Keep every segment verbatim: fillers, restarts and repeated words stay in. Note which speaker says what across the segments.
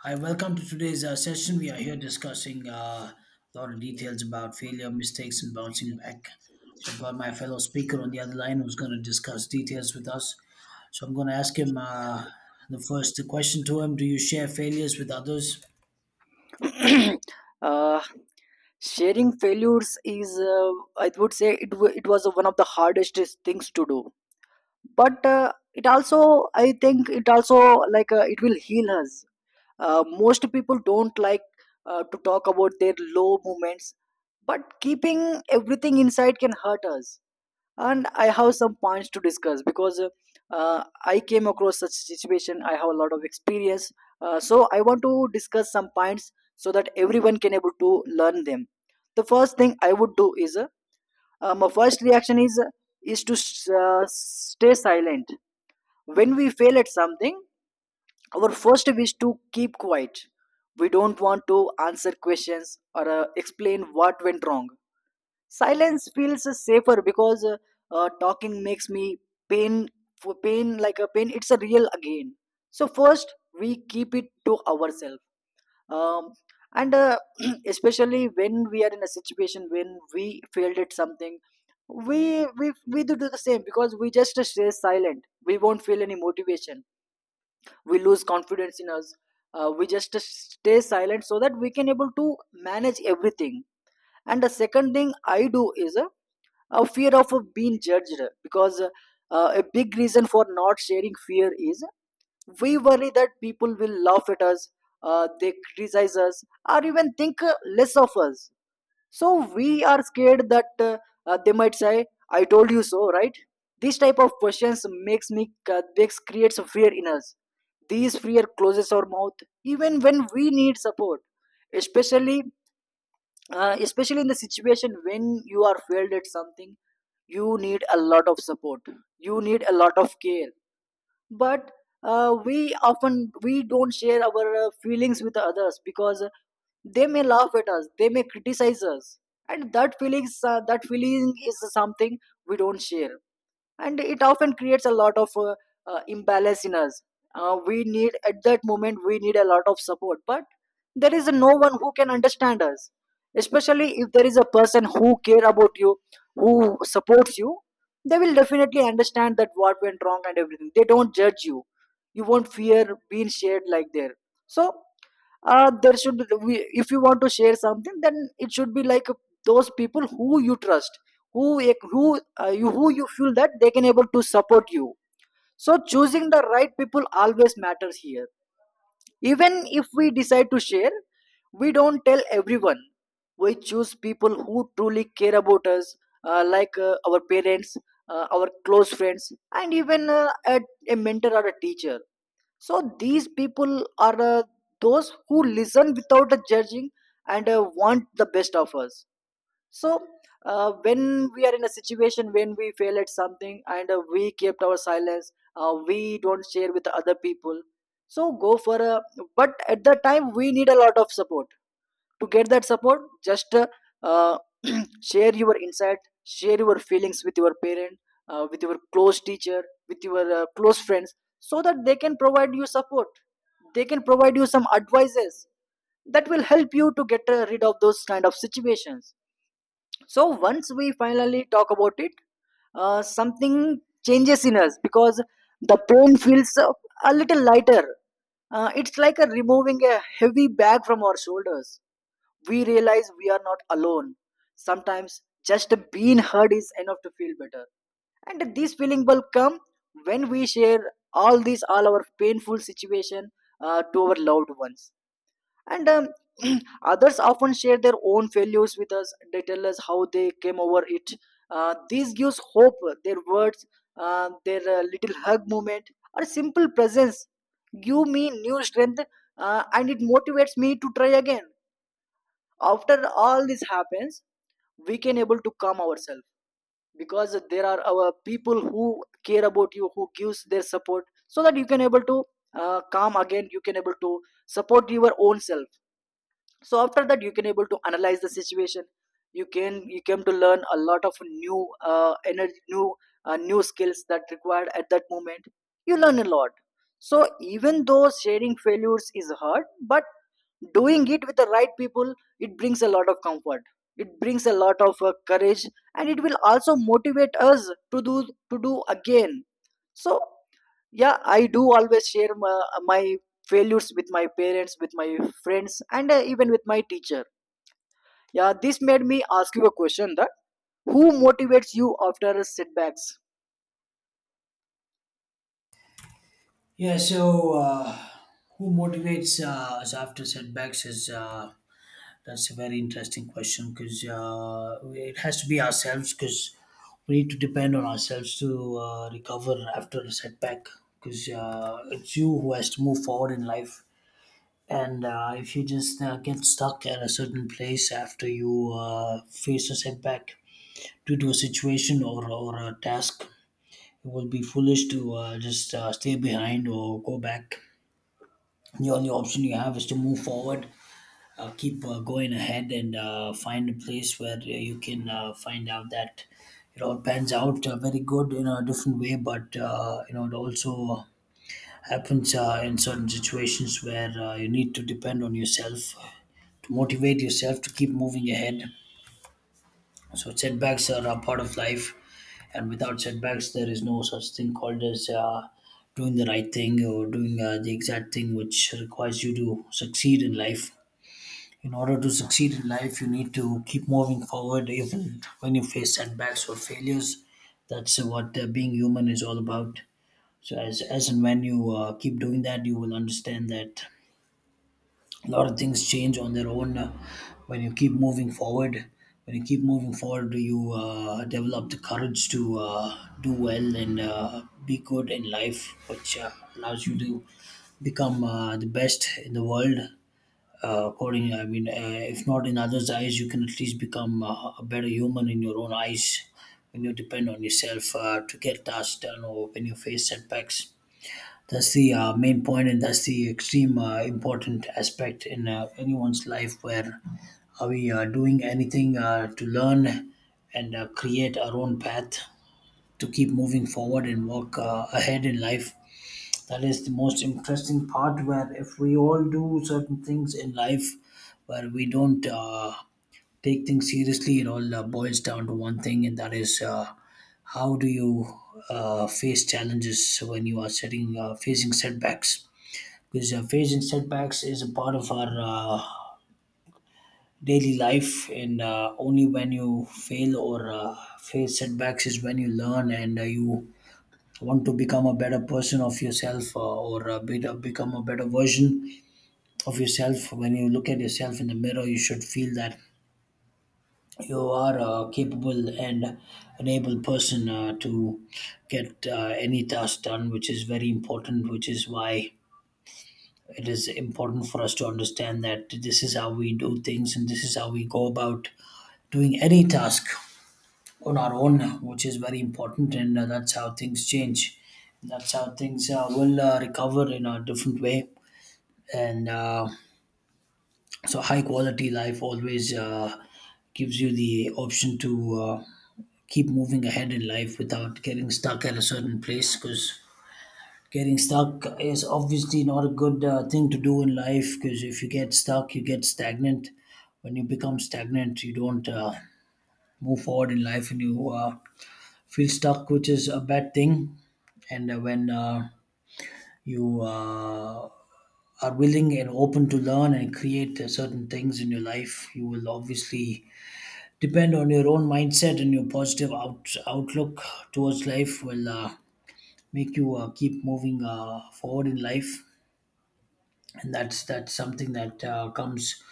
Speaker 1: Hi, welcome to today's uh, session. We are here discussing uh, a lot of details about failure, mistakes, and bouncing back. So, I've got my fellow speaker on the other line who's going to discuss details with us. So, I'm going to ask him uh, the first question to him. Do you share failures with others?
Speaker 2: uh, Sharing failures is uh, i would say it, wa- it was one of the hardest things to do, but uh, it also, i think it also, like uh, it will heal us. Uh, most people don't like uh, to talk about their low moments, but keeping everything inside can hurt us. And i have some points to discuss because uh, i came across such situation, i have a lot of experience. Uh, so i want to discuss some points so that everyone can able to learn them. The first thing i would do is uh, uh, my first reaction is uh, is to s- uh, stay silent. When we fail at something, our first wish to keep quiet. We don't want to answer questions or uh, explain what went wrong. Silence feels safer because uh, uh, talking makes me pain. For pain, like a pain, it's a real again. So first we keep it to ourselves. Um, and uh, especially when we are in a situation when we failed at something, we we we do, do the same because we just stay silent, we won't feel any motivation, we lose confidence in us. Uh, we just stay silent so that we can able to manage everything. And the second thing i do is uh, a fear of uh, being judged, because uh, uh, a big reason for not sharing fear is we worry that people will laugh at us, uh, they criticize us, or even think uh, less of us. So we are scared that uh, uh, they might say, "I told you so," right? This type of questions makes me uh, makes creates a fear in us. These fear closes our mouth even when we need support. Especially uh, especially in the situation when you are failed at something, you need a lot of support, you need a lot of care. But uh, we often we don't share our uh, feelings with others because they may laugh at us, they may criticize us. And that feelings uh, that feeling is something we don't share, and it often creates a lot of uh, uh, imbalance in us. Uh, we need at that moment we need a lot of support, but there is no one who can understand us. Especially if there is a person who care about you, who supports you, they will definitely understand that what went wrong and everything, they don't judge you. You won't fear being shared like there. So uh, there should we, if you want to share something, then it should be like those people who you trust, who who uh, you who you feel that they can able to support you. So choosing the right people always matters here. Even if we decide to share, we don't tell everyone. We choose people who truly care about us. Uh, like uh, our parents, uh, our close friends, and even uh, a, a mentor or a teacher. So these people are uh, those who listen without uh, judging, and uh, want the best of us. So uh, when we are in a situation when we fail at something, and uh, we kept our silence, uh, we don't share with other people, so go for a. But at the time we need a lot of support. To get that support, just uh, uh, share your insight, share your feelings with your parent, uh, with your close teacher, with your uh, close friends, so that they can provide you support, they can provide you some advices that will help you to get uh, rid of those kind of situations. So once we finally talk about it, uh, something changes in us because the pain feels uh, a little lighter. Uh, it's like a removing a heavy bag from our shoulders. We realize we are not alone. Sometimes just being heard is enough to feel better. And this feeling will come when we share all these, all our painful situation uh, to our loved ones. And um, others often share their own failures with us, they tell us how they came over it. Uh, this gives hope. Their words, uh, their uh, little hug moment, or simple presence give me new strength, uh, and it motivates me to try again. After all this happens, we can able to calm ourselves, because there are our people who care about you, who gives their support so that you can able to uh, calm again, you can able to support your own self. So after that you can able to analyze the situation. You can you came to learn a lot of new uh, energy, new uh, new skills that required at that moment. You learn a lot. So even though sharing failures is hard, but doing it with the right people, it brings a lot of comfort, it brings a lot of uh, courage, and it will also motivate us to do, to do again. So yeah, i do always share my, my failures with my parents, with my friends, and uh, even with my teacher. Yeah, this made me ask you a question that who motivates you after setbacks.
Speaker 1: Yeah, so uh, who motivates uh, us after setbacks is uh, that's a very interesting question because uh, it has to be ourselves because we need to depend on ourselves to uh, recover after a setback because uh, it's you who has to move forward in life. And uh, if you just uh, get stuck at a certain place after you uh, face a setback due to a situation or, or a task, it will be foolish to uh, just uh, stay behind or go back. The only option you have is to move forward, uh, keep uh, going ahead and uh, find a place where you can uh, find out that it all pans out uh, very good in a different way, but uh, you know it also happens uh, in certain situations where uh, you need to depend on yourself to motivate yourself to keep moving ahead. So setbacks are a part of life, and without setbacks there is no such thing called as uh, doing the right thing or doing uh, the exact thing which requires you to succeed in life. In order to succeed in life, you need to keep moving forward even when you face setbacks or failures. That's what uh, being human is all about. So, as, as and when you uh, keep doing that, you will understand that a lot of things change on their own uh, when you keep moving forward. When you keep moving forward, you uh, develop the courage to uh, do well and uh, be good in life, which uh, allows you to become uh, the best in the world, uh, according, I mean, uh, if not in others eyes you can at least become uh, a better human in your own eyes when you depend on yourself uh, to get tasks done or when you face setbacks. That's the uh, main point, and that's the extreme uh, important aspect in uh, anyone's life, where are we uh, doing anything uh, to learn and uh, create our own path to keep moving forward and walk uh, ahead in life. That is the most interesting part, where if we all do certain things in life where we don't uh, take things seriously, it all uh, boils down to one thing, and that is, uh, how do you uh, face challenges when you are setting uh, facing setbacks? Because uh, facing setbacks is a part of our uh, daily life, and uh, only when you fail or uh, face setbacks is when you learn, and uh, you want to become a better person of yourself uh, or a better, become a better version of yourself. When you look at yourself in the mirror, you should feel that you are a capable and an able person uh, to get uh, any task done, which is very important, which is why it is important for us to understand that this is how we do things, and this is how we go about doing any task on our own, which is very important, and uh, that's how things change. That's how things uh, will uh, recover in a different way. And uh, so, high quality life always uh, gives you the option to uh, keep moving ahead in life without getting stuck at a certain place, because getting stuck is obviously not a good uh, thing to do in life, because if you get stuck, you get stagnant. When you become stagnant, you don't uh, move forward in life, and you uh, feel stuck, which is a bad thing. And uh, when uh, you uh, are willing and open to learn and create uh, certain things in your life, you will obviously depend on your own mindset, and your positive out- outlook towards life will uh, make you uh, keep moving uh, forward in life. And that's that's something that uh, comes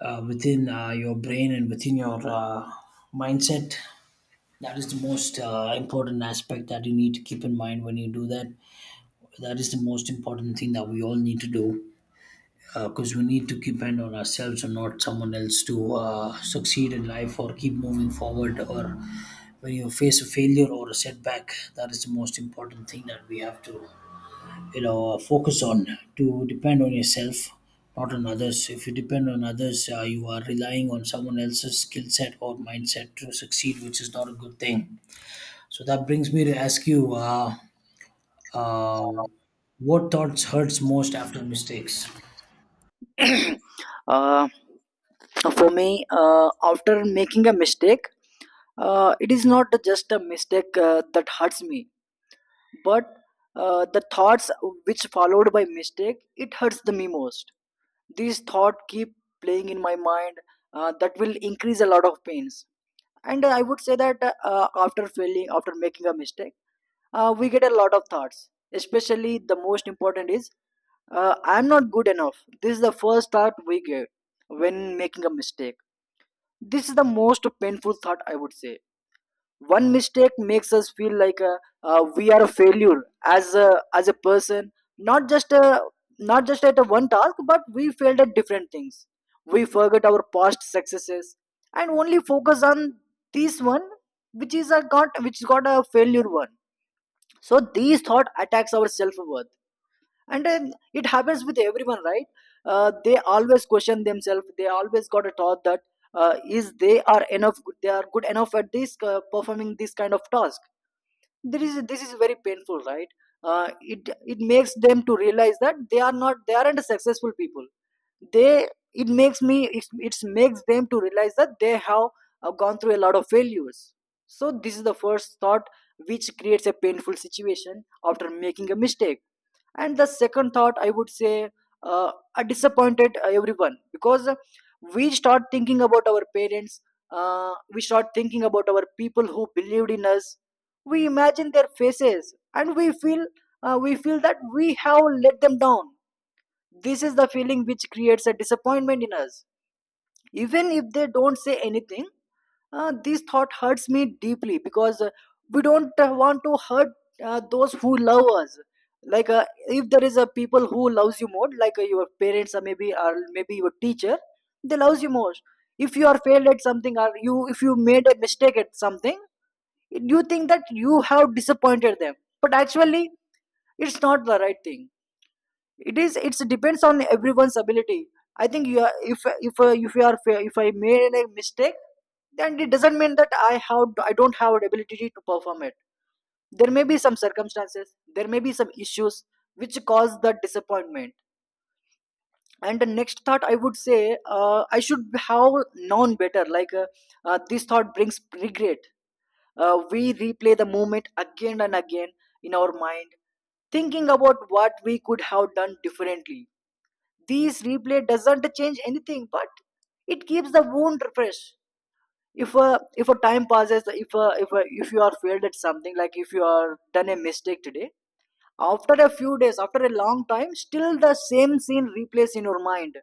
Speaker 1: uh, within uh, your brain and within your uh, mindset. That is the most uh, important aspect that you need to keep in mind when you do that, that is the most important thing that we all need to do, because we need to keep an on ourselves and not someone else to uh, succeed in life or keep moving forward, or when you face a failure or a setback. That is the most important thing that we have to, you know, uh, focus on, to depend on yourself, not on others. If you depend on others, uh, you are relying on someone else's skill set or mindset to succeed, which is not a good thing. So that brings me to ask you, uh, uh, what thoughts hurts most after mistakes?
Speaker 2: uh, for me, uh, after making a mistake, uh, it is not just a mistake uh, that hurts me, but uh, the thoughts which followed by mistake, it hurts the me most. These thought keep playing in my mind. Uh, that will increase a lot of pains. And i would say that uh, after failing, after making a mistake, uh, we get a lot of thoughts. Especially the most important is uh, i'm not good enough. This is the first thought we get when making a mistake. This is the most painful thought i would say. One mistake makes us feel like uh, uh, we are a failure as a as a person. Not just a, not just at a one task, but we failed at different things. We forget our past successes and only focus on this one, which is a got which got a failure one. So these thought attacks our self worth. And then it happens with everyone, right? Uh, they always question themselves, they always got a thought that uh, is they are enough good they are good enough at this uh, performing this kind of task. There is This is very painful, right? Uh, it it makes them to realize that they are not, they aren't successful people. They, it makes me it, it makes them to realize that they have uh, gone through a lot of failures. So this is the first thought which creates a painful situation after making a mistake. And the second thought i would say, uh, a disappointed uh, everyone, because we start thinking about our parents, uh, we start thinking about our people who believed in us. We imagine their faces, and we feel uh, we feel that we have let them down. This is the feeling which creates a disappointment in us, even if they don't say anything. Uh, this thought hurts me deeply, because uh, we don't uh, want to hurt uh, those who love us. Like uh, if there is a people who loves you more, like uh, your parents, or maybe, or maybe your teacher, they loves you more. If you are failed at something, or you if you made a mistake at something, you think that you have disappointed them. But actually it's not the right thing. It is it's depends on everyone's ability. I think you are, if if uh, if you are fa- if I made a mistake, then it doesn't mean that i have i don't have the ability to perform it. There may be some circumstances, there may be some issues which cause the disappointment. And the next thought i would say, uh, i should have known better. Like uh, uh, this thought brings regret. Uh, we replay the moment again and again in our mind, thinking about what we could have done differently. These replay doesn't change anything, but it keeps the wound fresh. If a if a time passes, if a, if a, if you are failed at something, like if you are done a mistake today, after a few days, after a long time, still the same scene replays in your mind.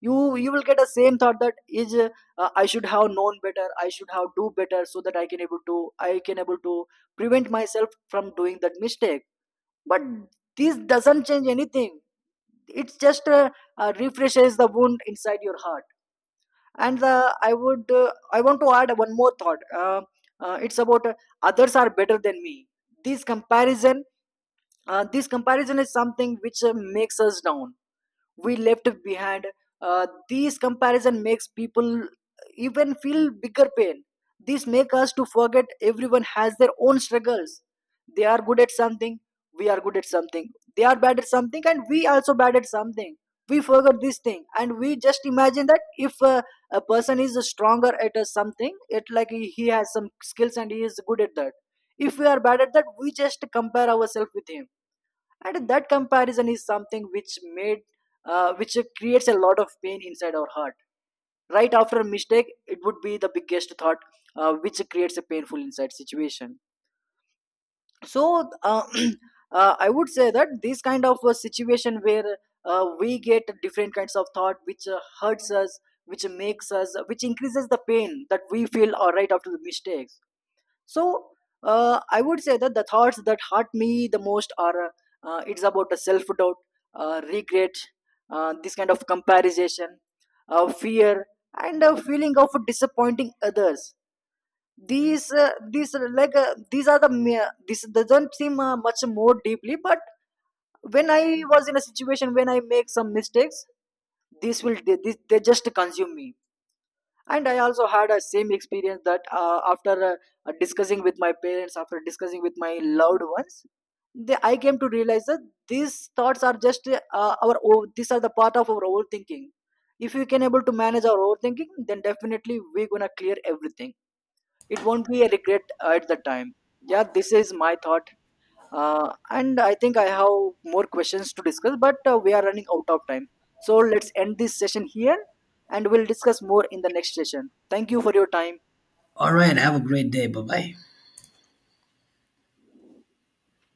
Speaker 2: You you will get the same thought that is uh, I should have known better. I should have do better so that I can able to I can able to prevent myself from doing that mistake. But this doesn't change anything, it's just uh, uh, refreshes the wound inside your heart. And the, I would uh, I want to add one more thought. Uh, uh, it's about uh, others are better than me. This comparison, uh, this comparison is something which uh, makes us down, we left behind. Uh, this comparison makes people even feel bigger pain. This makes us to forget everyone has their own struggles. They are good at something, we are good at something. They are bad at something, and we also bad at something. We forgot this thing, and we just imagine that if uh, a person is stronger at uh, something, it like he he has some skills and he is good at that. If we are bad at that, we just compare ourselves with him, and that comparison is something which made uh, which creates a lot of pain inside our heart. Right after a mistake, it would be the biggest thought uh, which creates a painful inside situation. So uh, uh, i would say that this kind of a situation where uh, we get different kinds of thought which uh, hurts us, which makes us which increases the pain that we feel uh, right after the mistake. So uh, i would say that the thoughts that hurt me the most are uh, it's about the self doubt, uh, regret, uh, this kind of comparison, uh, fear, and a feeling of disappointing others. These uh, these are like uh, these are the mere-, this doesn't seem uh, much more deeply, but when i was in a situation when i make some mistakes, this will they, this, they just consume me. And i also had a same experience that uh, after uh, uh, discussing with my parents, after discussing with my loved ones, they, i came to realize that these thoughts are just uh, our o- these are the part of our overthinking. If we can able to manage our overthinking, then definitely we're gonna clear everything, it won't be a regret at the time. Yeah, this is my thought. Uh, and i think i have more questions to discuss, but uh, we are running out of time. So let's end this session here, and we'll discuss more in the next session. Thank you for your time.
Speaker 1: All right, have a great day. Bye bye.